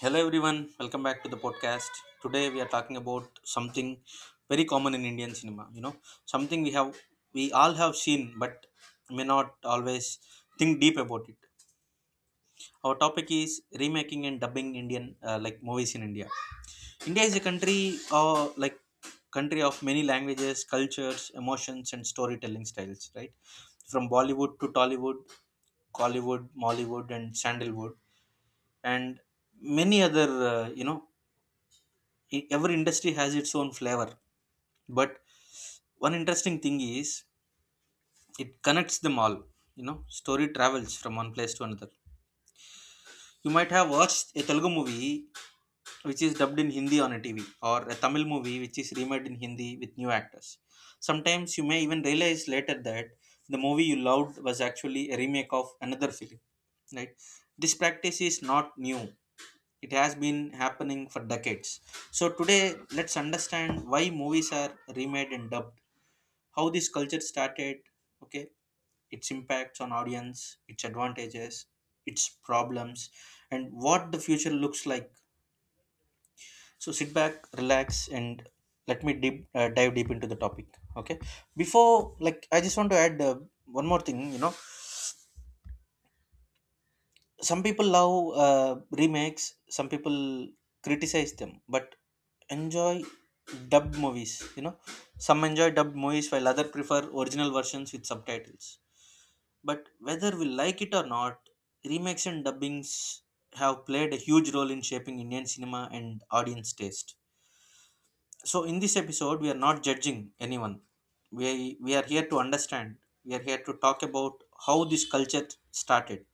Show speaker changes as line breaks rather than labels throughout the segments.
Hello everyone, welcome back to the podcast. Today we are talking about something very common in Indian cinema, something we have we all have seen but may not always think deep about it. Our topic is remaking and dubbing Indian like movies in India. India is a country like country of many languages, cultures, emotions and storytelling styles, right? From Bollywood to Tollywood, Collywood, Mollywood and Sandalwood and many other uh, you know every industry has its own flavor. But one interesting thing is it connects them all. Story travels from one place to another. You might have watched a Telugu movie which is dubbed in Hindi on a TV, or a Tamil movie which is remade in Hindi with new actors. Sometimes you may even realize later that the movie you loved was actually a remake of another film, right? This practice is not new, it has been happening for decades. So today, let's understand why movies are remade and dubbed, how this culture started, okay, its impacts on audience, its advantages, its problems, and what the future looks like. So sit back, relax, and let me dive deep into the topic, okay. Before, like, I just want to add one more thing. Some people love uh, remakes. Some people criticize them but enjoy dubbed movies. Some enjoy dubbed movies while other prefer original versions with subtitles. But whether we like it or not, remakes and dubbings have played a huge role in shaping Indian cinema and audience taste. So, in this episode, we are not judging anyone. We are here to understand. We are here to talk about how this culture started,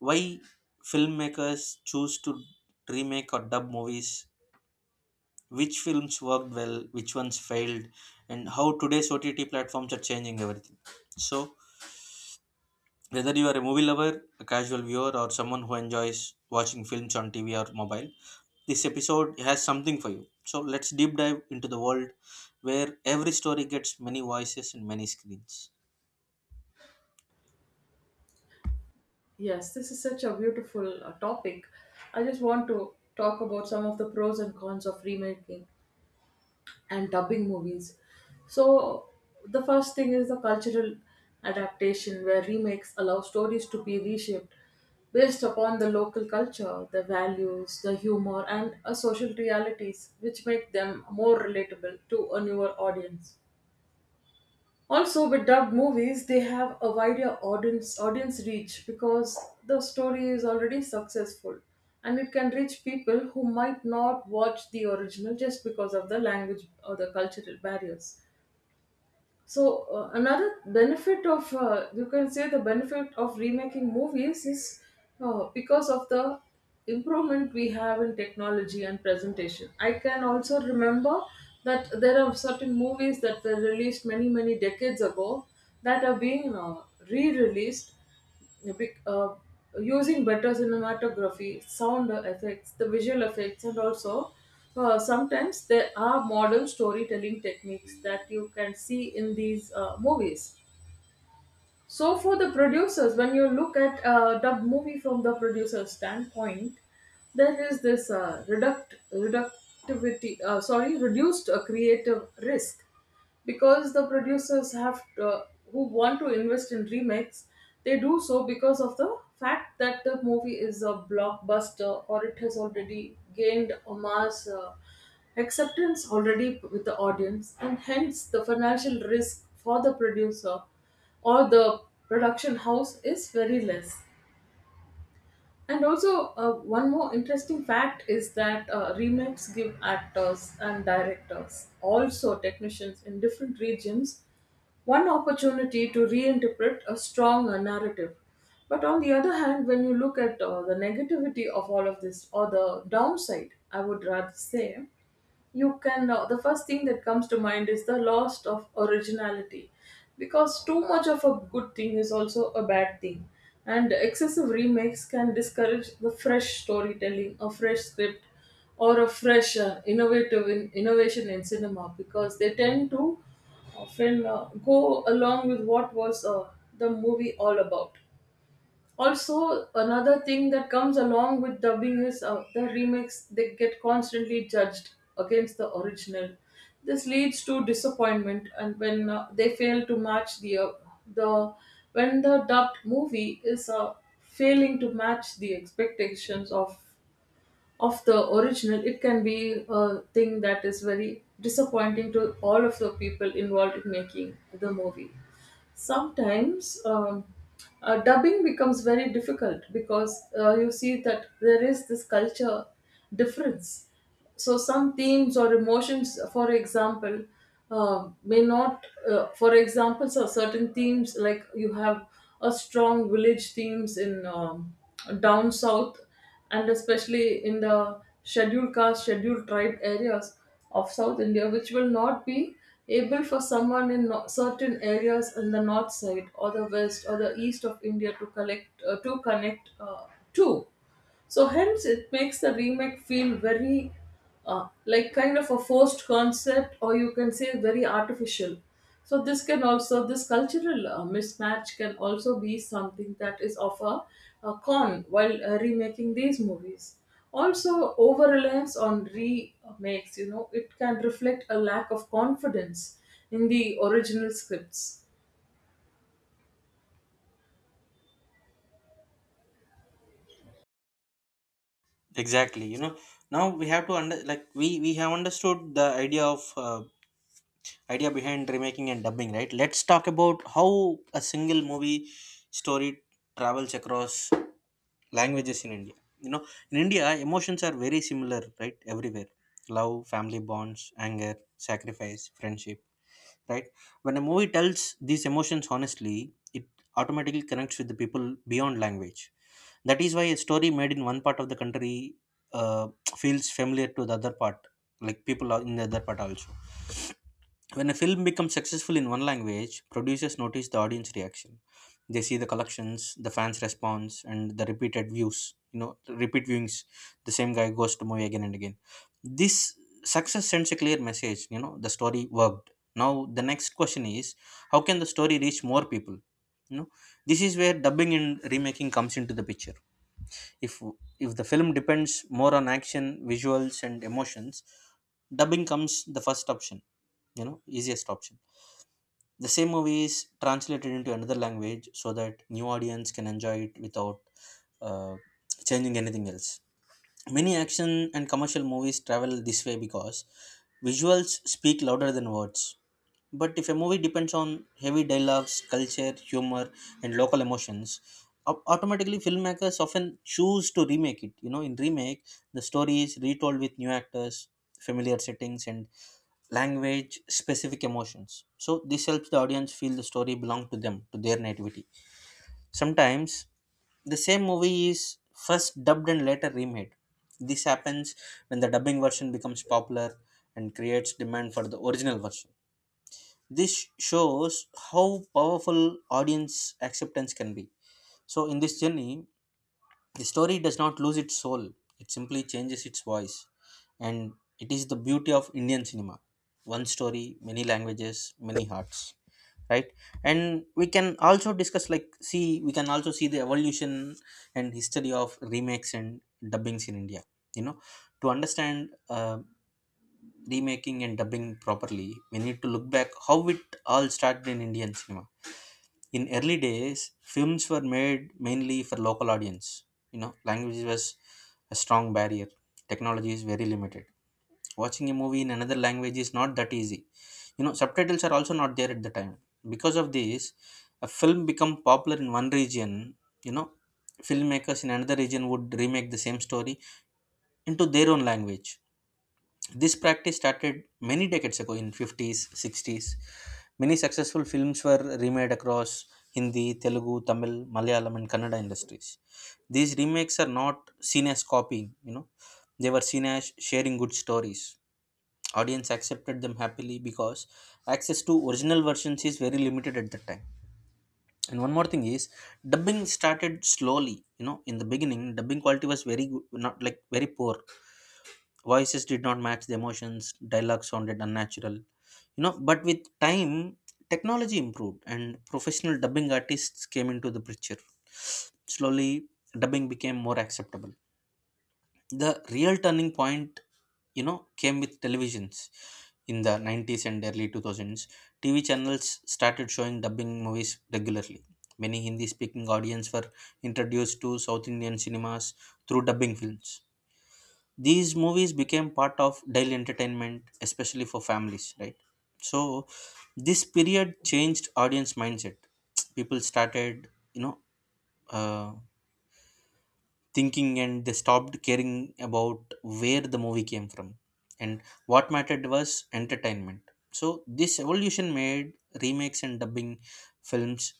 why filmmakers choose to remake or dub movies, which films worked well, which ones failed, and how today's OTT platforms are changing everything. So, whether you are a movie lover, a casual viewer, or someone who enjoys watching films on TV or mobile, this episode has something for you. So let's deep dive into the world where every story gets many voices and many screens.
Yes, this is such a beautiful topic. I just want to talk about some of the pros and cons of remaking and dubbing movies. So, the first thing is the cultural adaptation, where remakes allow stories to be reshaped based upon the local culture, the values, the humor, and social realities, which make them more relatable to a newer audience. Also, with dubbed movies, they have a wider audience reach because the story is already successful and it can reach people who might not watch the original just because of the language or the cultural barriers. So, another benefit of you can say the benefit of remaking movies is because of the improvement we have in technology and presentation. I can also remember that there are certain movies that were released many many decades ago that are being re-released Bec- uh, using better cinematography, sound effects, the visual effects, and also sometimes there are modern storytelling techniques that you can see in these movies. So, for the producers, when you look at the movie from the producer's standpoint, there is this reduced creative risk because the producers have who want to invest in remakes, they do so because of the fact that the movie is a blockbuster or it has already gained a mass acceptance already with the audience, and hence the financial risk for the producer or the production house is very less. And also, one more interesting fact is that remakes give actors and directors, also technicians in different regions, one opportunity to reinterpret a strong narrative. But on the other hand, when you look at the negativity of all of this, or the downside, I would rather say, you can the first thing that comes to mind is the loss of originality, because too much of a good thing is also a bad thing, and excessive remakes can discourage the fresh storytelling, a fresh script, or a fresh innovation in cinema, because they tend to often go along with what was the movie all about. Also, another thing that comes along with dubbing is the remakes, they get constantly judged against the original. This leads to disappointment, and when they fail to match the the when the dubbed movie is failing to match the expectations of the original, it can be a thing that is very disappointing to all of the people involved in making the movie. Sometimes dubbing becomes very difficult, because you see that there is this culture difference. So, some themes or emotions, for example, may not, for example, so certain themes like you have a strong village themes in down south, and especially in the scheduled caste, scheduled tribe areas of South India, which will not be able for someone in certain areas in the north side or the west or the east of India to collect to connect to. So hence it makes the remake feel very like kind of a forced concept, or you can say very artificial. So this can also, this cultural mismatch can also be something that is of a con while remaking these movies. Also, over reliance on remakes, you know, it can reflect a lack of confidence in the original scripts.
Exactly, you know. Now we have to under like we have understood the idea behind remaking and dubbing, right? Let's talk about how a single movie story travels across languages in India. You know, in India, emotions are very similar, right? Everywhere love, family bonds, anger, sacrifice, friendship, right? When a movie tells these emotions honestly, it automatically connects with the people beyond language. That is why a story made in one part of the country uh, feels familiar to the other part, like people are in the other part also. When a film becomes successful in one language, producers notice the audience reaction. They see the collections, the fans' response, and the repeated views. You know, repeat viewings. The same guy goes to movie again and again. This success sends a clear message. You know, the story worked. Now the next question is, how can the story reach more people? You know, this is where dubbing and remaking comes into the picture. If if the film depends more on action, visuals, and emotions, dubbing comes the first option. You know, easiest option. The same movie is translated into another language so that new audience can enjoy it without uh, changing anything else. Many action and commercial movies travel this way because visuals speak louder than words. But if a movie depends on heavy dialogues, culture, humor, and local emotions, automatically filmmakers often choose to remake it. You know, in remake the story is retold with new actors, familiar settings, and language specific emotions, so this helps the audience feel the story belong to them, to their nativity. Sometimes the same movie is first dubbed and later remade. This happens when the dubbing version becomes popular and creates demand for the original version. This shows how powerful audience acceptance can be. So in this journey, the story does not lose its soul, it simply changes its voice. And it is the beauty of Indian cinema. One story, many languages, many hearts. Right? And we can also discuss, like, see, we can also see the evolution and history of remakes and dubbings in India. You know, to understand remaking and dubbing properly, we need to look back how it all started in Indian cinema. In early days, films were made mainly for local audience. You know, language was a strong barrier. Technology is very limited. Watching a movie in another language is not that easy. You know, subtitles are also not there at the time. Because of this, a film become popular in one region. You know, filmmakers in another region would remake the same story into their own language. This practice started many decades ago in 50s, 60s. Many successful films were remade across Hindi, Telugu, Tamil, Malayalam and Kannada industries. These remakes are not seen as copying. They were seen as sharing good stories. Audience accepted them happily because access to original versions is very limited at that time. And one more thing is dubbing started slowly. You know, in the beginning dubbing quality was very good, not like very poor. Voices did not match the emotions, dialogue sounded unnatural. You know, but with time, technology improved and professional dubbing artists came into the picture. Slowly, dubbing became more acceptable. The real turning point, came with televisions. In the 90s and early 2000s, TV channels started showing dubbing movies regularly. Many Hindi speaking audience were introduced to South Indian cinemas through dubbing films. These movies became part of daily entertainment, especially for families, right? So this period changed audience mindset. People started, uh, thinking, and they stopped caring about where the movie came from. And what mattered was entertainment. So this evolution made remakes and dubbing films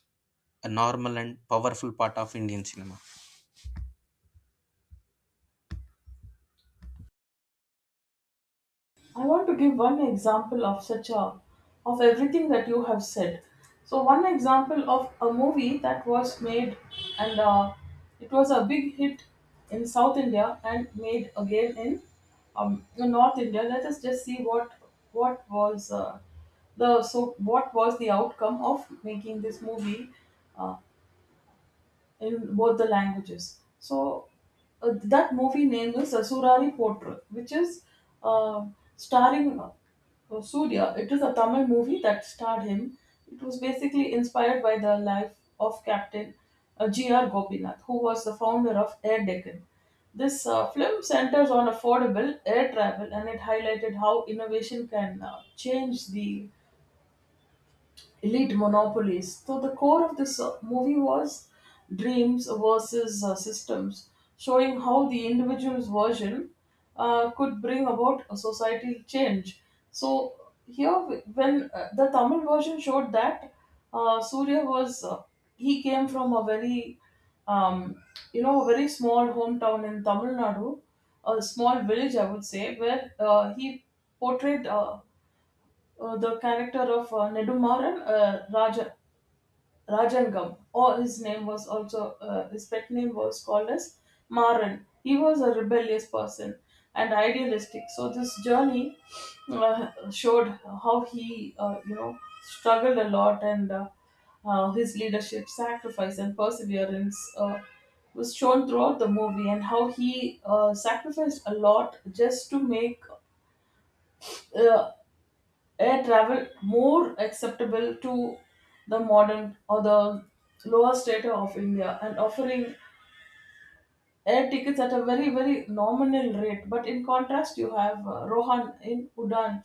a normal and powerful part of Indian cinema.
I want to give one example of such a of everything that you have said. So one example of a movie that was made, and it was a big hit in South India and made again in North India. Let us just see what was the so what was the outcome of making this movie. Uh, in both the languages. So that movie name is Asurari Potru, which is uh, starring Surya. It is a Tamil movie that starred him. It was basically inspired by the life of Captain G.R. Gopinath, who was the founder of Air Deccan. This film centers on affordable air travel, and it highlighted how innovation can change the elite monopolies. So the core of this movie was dreams versus systems, showing how the individual's version could bring about a societal change. So here, when the Tamil version showed that Surya was he came from a very um, you know a very small hometown in Tamil Nadu, a small village I would say, where he portrayed. The character of Nedumaran, Raja, Rajangam, or his name was also, his pet name was called as Maran. He was a rebellious person and idealistic. So this journey showed how he, you know, struggled a lot, and his leadership, sacrifice, and perseverance was shown throughout the movie, and how he sacrificed a lot just to make uh, air travel more acceptable to the modern or the lower strata of India, and offering air tickets at a very very nominal rate. But in contrast, you have Rohan in Udan.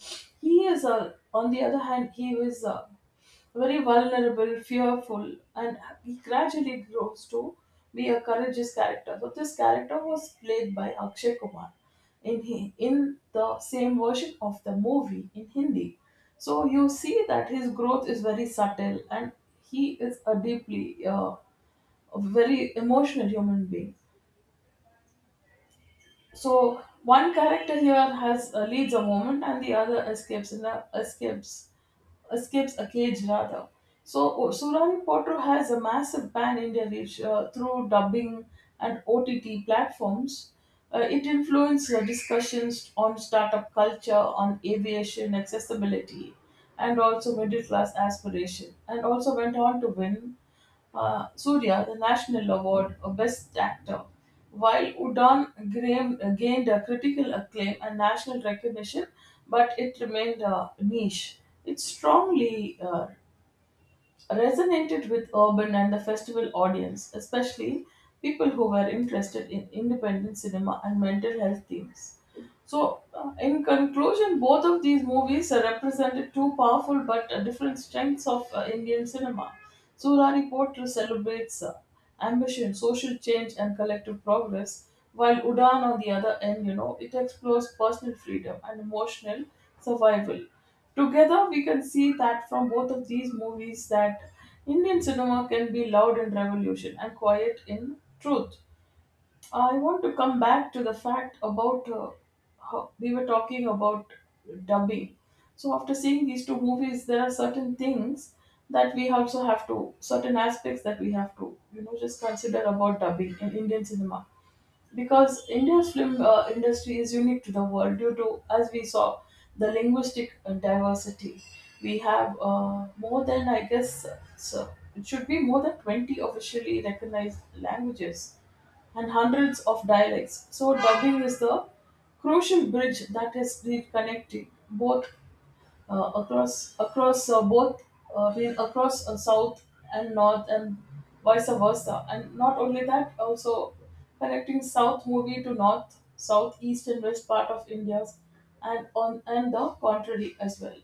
He is on the other hand, he is very vulnerable, fearful, and he gradually grows to be a courageous character. So this character was played by Akshay Kumar in he in the same version of the movie in Hindi. So you see that his growth is very subtle, and he is a deeply uh, a very emotional human being. So one character here has leads a moment, and the other escapes in the escapes escapes a cage, rather. So Surani Potter has a massive pan India reach through dubbing and OTT platforms. It influenced discussions on startup culture, on aviation accessibility, and also middle class aspiration, and also went on to win Surya the National Award of Best Actor, while Udan Graham gained a critical acclaim and national recognition, but it remained niche. It strongly resonated with urban and the festival audience, especially people who were interested in independent cinema and mental health themes. So, in conclusion, both of these movies represented two powerful but different strengths of Indian cinema. Surani Potter celebrates ambition, social change, and collective progress, while Udan, on the other end, you know, it explores personal freedom and emotional survival. Together, we can see that from both of these movies that Indian cinema can be loud in revolution and quiet in truth. I want to come back to the fact about how we were talking about dubbing. So after seeing these two movies, there are certain things that we also have to, certain aspects that we have to, you know, just consider about dubbing in Indian cinema, because India's film industry is unique to the world due to, as we saw, the linguistic diversity. We have more than, I guess, so it should be more than 20 officially recognized languages and hundreds of dialects. So, dubbing is the crucial bridge that is reconnecting both across both I mean across south and north and vice versa, and not only that, also connecting south movie to north, south, east, and west part of India's, and on and the contrary as well.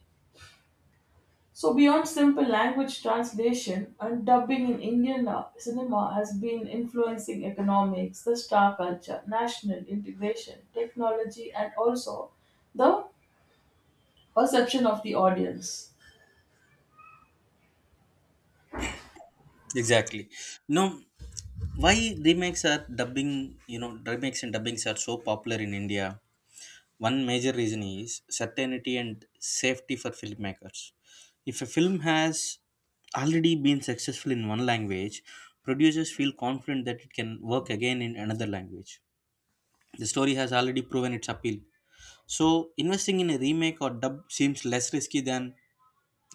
So beyond simple language translation, and dubbing in Indian cinema has been influencing economics, the star culture, national integration, technology, and also the perception of the audience.
Exactly. No. Why remakes are dubbing. Remakes and dubbings are so popular in India. One major reason is certainty and safety for filmmakers. If a film has already been successful in one language, producers feel confident that it can work again in another language. The story has already proven its appeal, so investing in a remake or dub seems less risky than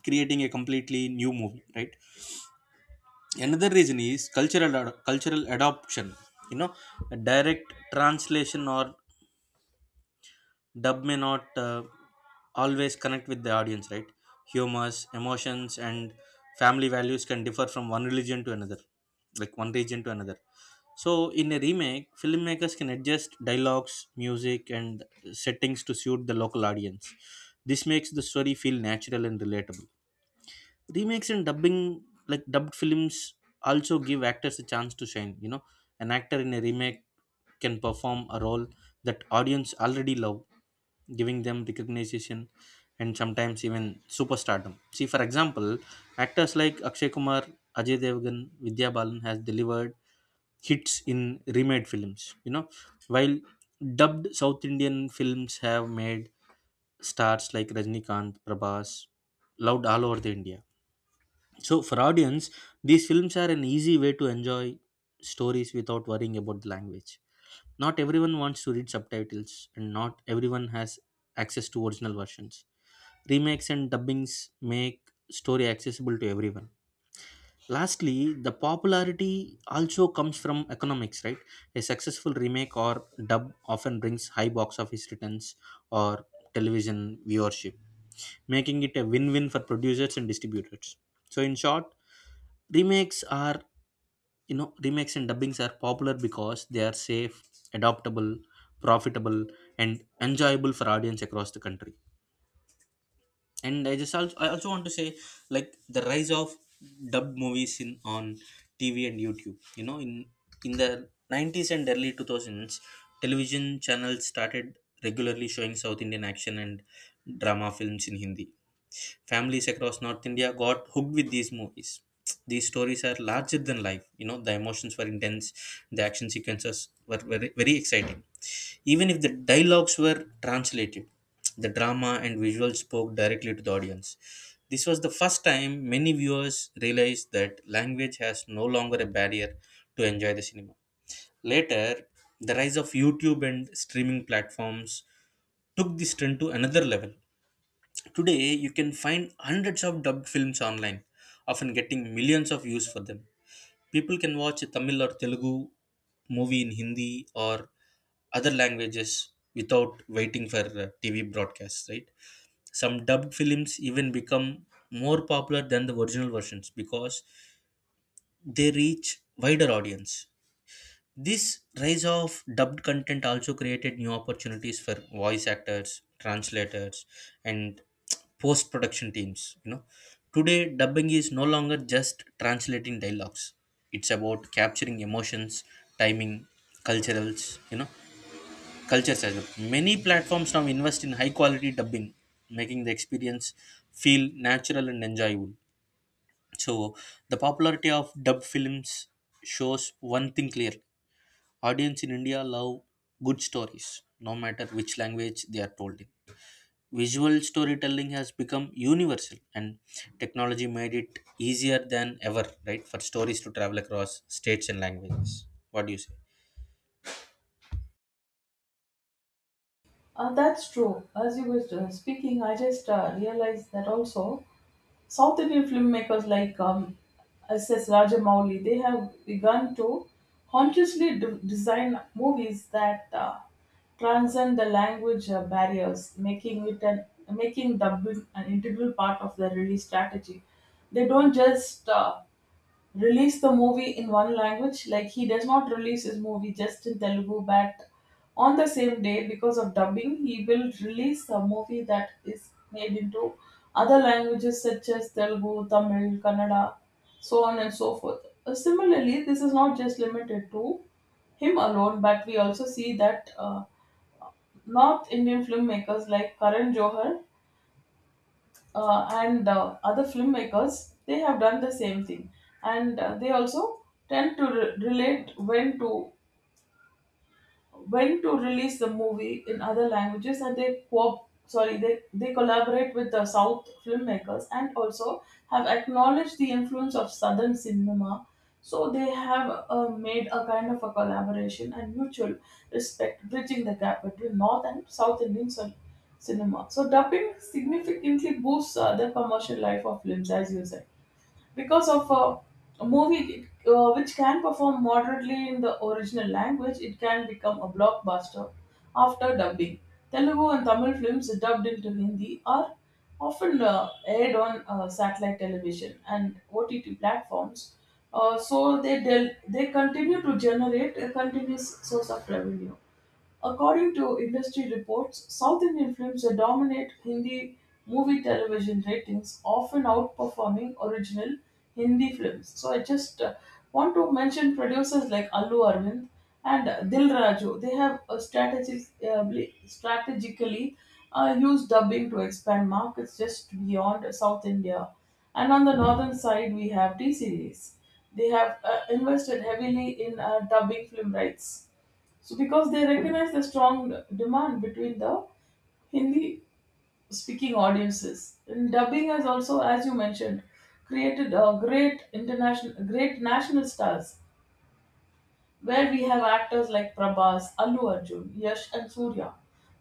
creating a completely new movie, right? Another reason is cultural adoption. You know, a direct translation or dub may not always connect with the audience, right? Humors, emotions, and family values can differ from one religion to another, like one region to another. So in a remake, filmmakers can adjust dialogues, music, and settings to suit the local audience. This makes the story feel natural and relatable. Remakes and dubbing, like dubbed films, also give actors a chance to shine. An actor in a remake can perform a role that audience already love, giving them recognition and sometimes even superstardom. See, for example, actors like Akshay Kumar, Ajay Devgan, Vidya Balan has delivered hits in remade films. While dubbed South Indian films have made stars like Rajnikant, Prabhas, loved all over the India. So for audience, these films are an easy way to enjoy stories without worrying about the language. Not everyone wants to read subtitles, and not everyone has access to original versions. Remakes and dubbings make story accessible to everyone. Lastly, the popularity also comes from economics, right? A successful remake or dub often brings high box office returns or television viewership, making it a win-win for producers and distributors. So in short, remakes are remakes and dubbings are popular because they are safe, adaptable, profitable, and enjoyable for audience across the country. And I just also, I also want to say, like, the rise of dubbed movies in on TV and YouTube. You know, in the 90s and early 2000s, television channels started regularly showing South Indian action and drama films in Hindi. Families across North India got hooked with these movies. These stories are larger than life. You know, the emotions were intense, the action sequences were very, very exciting. Even if the dialogues were translated, the drama and visuals spoke directly to the audience. This was the first time many viewers realized that language has no longer a barrier to enjoy the cinema. Later, the rise of YouTube and streaming platforms took this trend to another level. Today, you can find hundreds of dubbed films online, often getting millions of views for them. People can watch a Tamil or Telugu movie in Hindi or other languages without waiting for TV broadcasts, right? Some dubbed films even become more popular than the original versions because they reach wider audience. This rise of dubbed content also created new opportunities for voice actors, translators, and post production teams. You know, today dubbing is no longer just translating dialogues; it's about capturing emotions, timing, culturals. You know, cultures as well. Many platforms now invest in high quality dubbing, making the experience feel natural and enjoyable. So, the popularity of dub films shows one thing clear. Audience in India love good stories, no matter which language they are told in. Visual storytelling has become universal, and technology made it easier than ever, right, for stories to travel across states and languages. What do you say?
That's true. As you were speaking, I just realized that also South Indian filmmakers like S.S. Rajamouli, they have begun to consciously design movies that transcend the language barriers, making it an making dubbing an integral part of their release strategy. They don't just release the movie in one language. Like he does not release his movie just in Telugu, but on the same day because of dubbing, he will release a movie that is made into other languages such as Telugu, Tamil, Kannada, so on and so forth. Similarly, this is not just limited to him alone, but we also see that North Indian filmmakers like Karan Johar and other filmmakers, they have done the same thing, and they also tend to relate when to release the movie in other languages, and they they collaborate with the south filmmakers, and also have acknowledged the influence of southern cinema. So they have made a kind of a collaboration and mutual respect, bridging the gap between north and south Indian cinema. So dubbing significantly boosts the commercial life of films, as you said, because of a movie which can perform moderately in the original language, it can become a blockbuster after dubbing. Telugu and Tamil films dubbed into Hindi are often aired on satellite television and OTT platforms, uh, so they continue to generate a continuous source of revenue. According to industry reports, South Indian films that dominate Hindi movie television ratings, often outperforming original Hindi films. So I just want to mention producers like Allu Arvind and Dil Raju. They have a strategically used dubbing to expand markets just beyond South India. And on the northern side, we have T series. They have invested heavily in dubbing film rights. So because they recognize the strong demand between the Hindi speaking audiences. And dubbing has also, as you mentioned, created a great international great national stars where we have actors like Prabhas, Allu Arjun, Yash and Surya,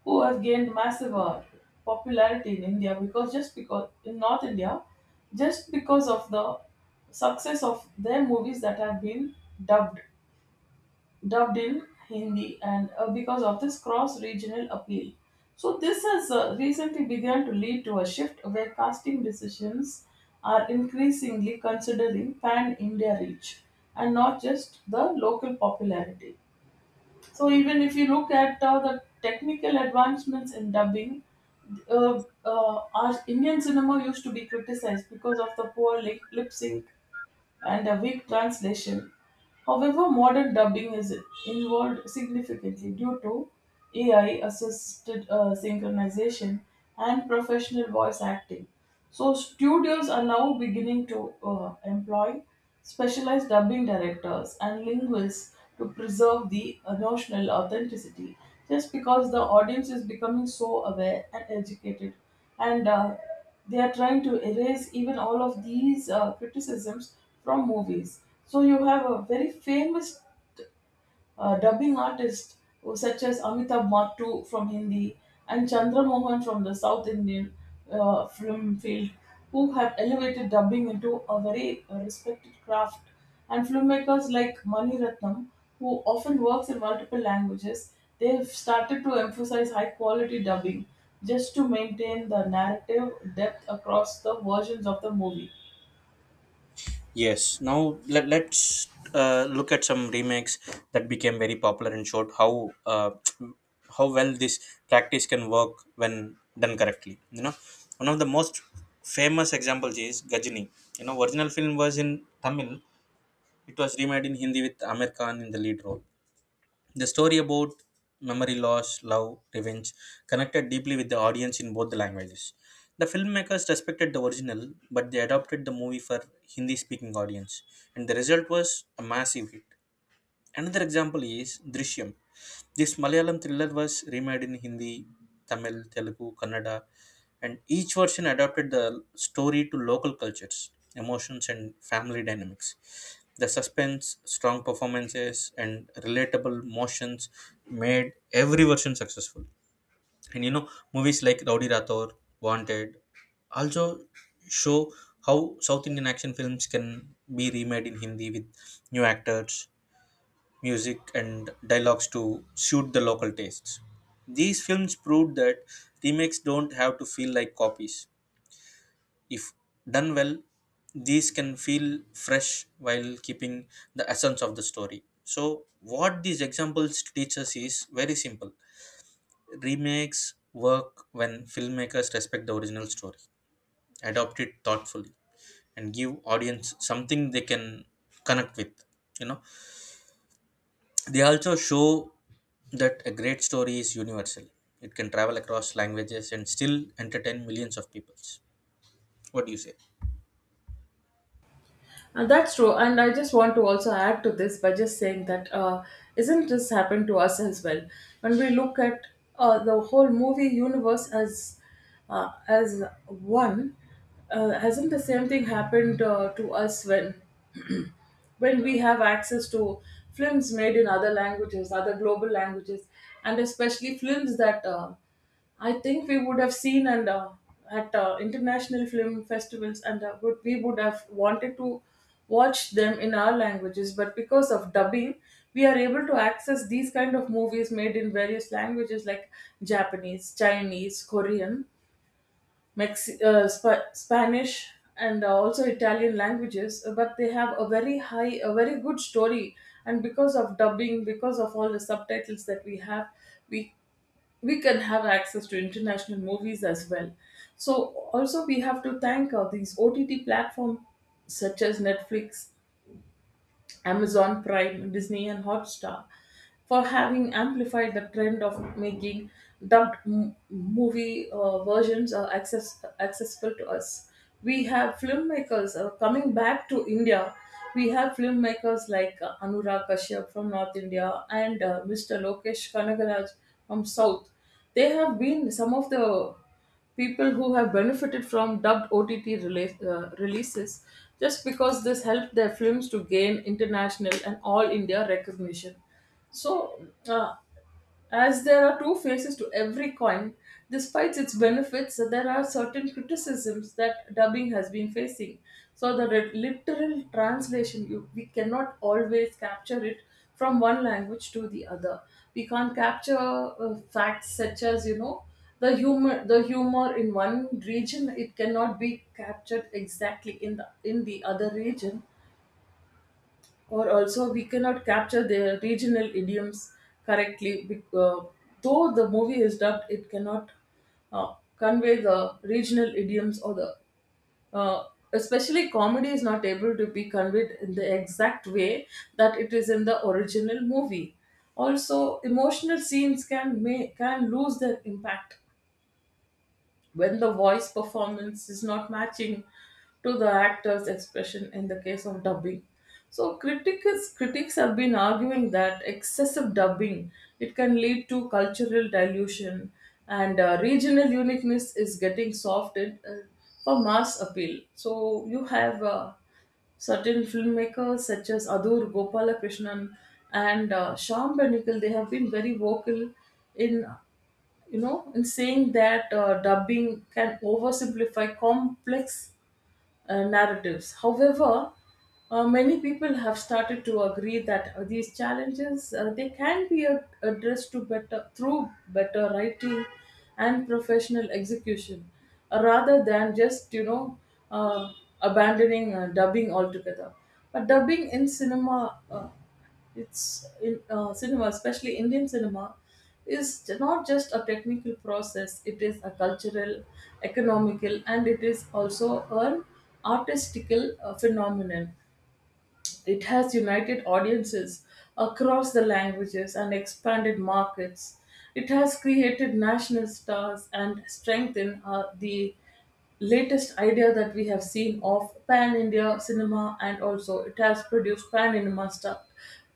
who have gained massive popularity in India because just because in North India, just because of the success of their movies that have been dubbed dubbed in Hindi, and because of this cross-regional appeal. So this has recently begun to lead to a shift where casting decisions are increasingly considering pan-India reach and not just the local popularity. So even if you look at the technical advancements in dubbing, our Indian cinema used to be criticized because of the poor lip sync and a weak translation. However, modern dubbing is involved significantly due to AI assisted synchronization and professional voice acting. So, studios are now beginning to employ specialized dubbing directors and linguists to preserve the emotional authenticity just because the audience is becoming so aware and educated and they are trying to erase even all of these criticisms from movies. So you have a very famous dubbing artists such as Amitabh Mattu from Hindi and Chandra Mohan from the South Indian film field, who have elevated dubbing into a very respected craft, and filmmakers like Mani Ratnam, who often works in multiple languages, they've started to emphasize high quality dubbing just to maintain the narrative depth across the versions of the movie.
Yes. Now, let's look at some remakes that became very popular and showed how how well this practice can work when done correctly. You know, one of the most famous examples is Gajini. You know, original film was in Tamil. It was remade in Hindi with Amir Khan in the lead role. The story about memory loss, love, revenge connected deeply with the audience in both the languages. The filmmakers respected the original, but they adopted the movie for Hindi speaking audience, and the result was a massive hit. Another example is Drishyam. This Malayalam thriller was remade in Hindi, Tamil, Telugu, Kannada, and each version adapted the story to local cultures, emotions, and family dynamics. The suspense, strong performances, and relatable motions made every version successful. And you know, movies like Rowdy Rathore, Wanted, also show how South Indian action films can be remade in Hindi with new actors, music, and dialogues to suit the local tastes. These films proved that remakes don't have to feel like copies. If done well, these can feel fresh while keeping the essence of the story. So, what these examples teach us is very simple. Remakes work when filmmakers respect the original story, adopt it thoughtfully, and give audience something they can connect with. You know, they also show that a great story is universal. It can travel across languages and still entertain millions of people. What do you say?
And that's true. And I just want to also add to this by just saying that isn't this happen to us as well? When we look at the whole movie universe as one, hasn't the same thing happened to us when we have access to films made in other languages, other global languages, and especially films that I think we would have seen and at international film festivals, and we would have wanted to watch them in our languages. But because of dubbing, we are able to access these kind of movies made in various languages like Japanese, Chinese, Korean Spanish and also Italian languages, but they have a very high, a very good story. And because of dubbing, because of all the subtitles that we have, we we can have access to international movies as well. So also we have to thank these OTT platforms such as Netflix Amazon Prime, Disney, and Hotstar for having amplified the trend of making movie versions accessible to us. We have filmmakers coming back to India. We have filmmakers like Anurag Kashyap from North India and Mr. Lokesh Kanagaraj from South. They have been some of the people who have benefited from dubbed OTT releases just because this helped their films to gain international and all India recognition. So, uh, as there are two faces to every coin, despite its benefits, there are certain criticisms that dubbing has been facing. So, the literal translation, we cannot always capture it from one language to the other. We can't capture facts such as, you know, the humor in one region it cannot be captured exactly in the other region, or also we cannot capture their regional idioms correctly though the movie is dubbed, it cannot convey the regional idioms or the uh, especially comedy is not able to be conveyed in the exact way that it is in the original movie. Also emotional scenes can lose their impact when the voice performance is not matching to the actor's expression in the case of dubbing. So critics have been arguing that excessive dubbing, it can lead to cultural dilution, and regional uniqueness is getting softened for mass appeal. So you have certain filmmakers such as Adur Gopalakrishnan and Sham Benikal, they have been very vocal in, you know, in saying that dubbing can oversimplify complex narratives. However, many people have started to agree that these challenges they can be addressed to better through better writing and professional execution, rather than just, you know, uh, abandoning dubbing altogether. But dubbing in cinema. It's in cinema, especially Indian cinema, is not just a technical process. It is a cultural, economical, and it is also an artistical phenomenon. It has united audiences across the languages and expanded markets. It has created national stars and strengthened the latest idea that we have seen of pan India cinema, and also it has produced pan India star,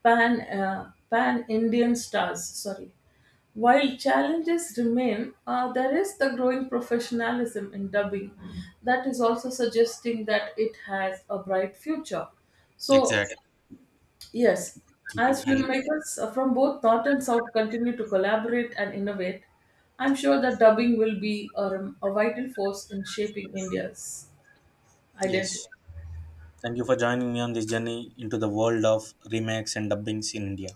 pan Indian stars. Sorry. While challenges remain, there is the growing professionalism in dubbing that is also suggesting that it has a bright future. So,
Exactly.
Yes,
Thank
as
you. And
filmmakers from both North and South continue to collaborate and innovate, I'm sure that dubbing will be a vital force in shaping India's identity.
yes. Thank you for joining me on this journey into the world of remakes and dubbings in India.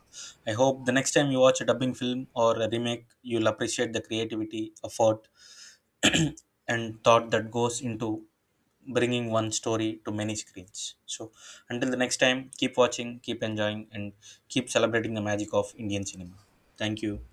I hope the next time you watch a dubbing film or a remake, you'll appreciate the creativity, effort, and thought that goes into bringing one story to many screens. So, until the next time, keep watching, keep enjoying, and keep celebrating the magic of Indian cinema. Thank you.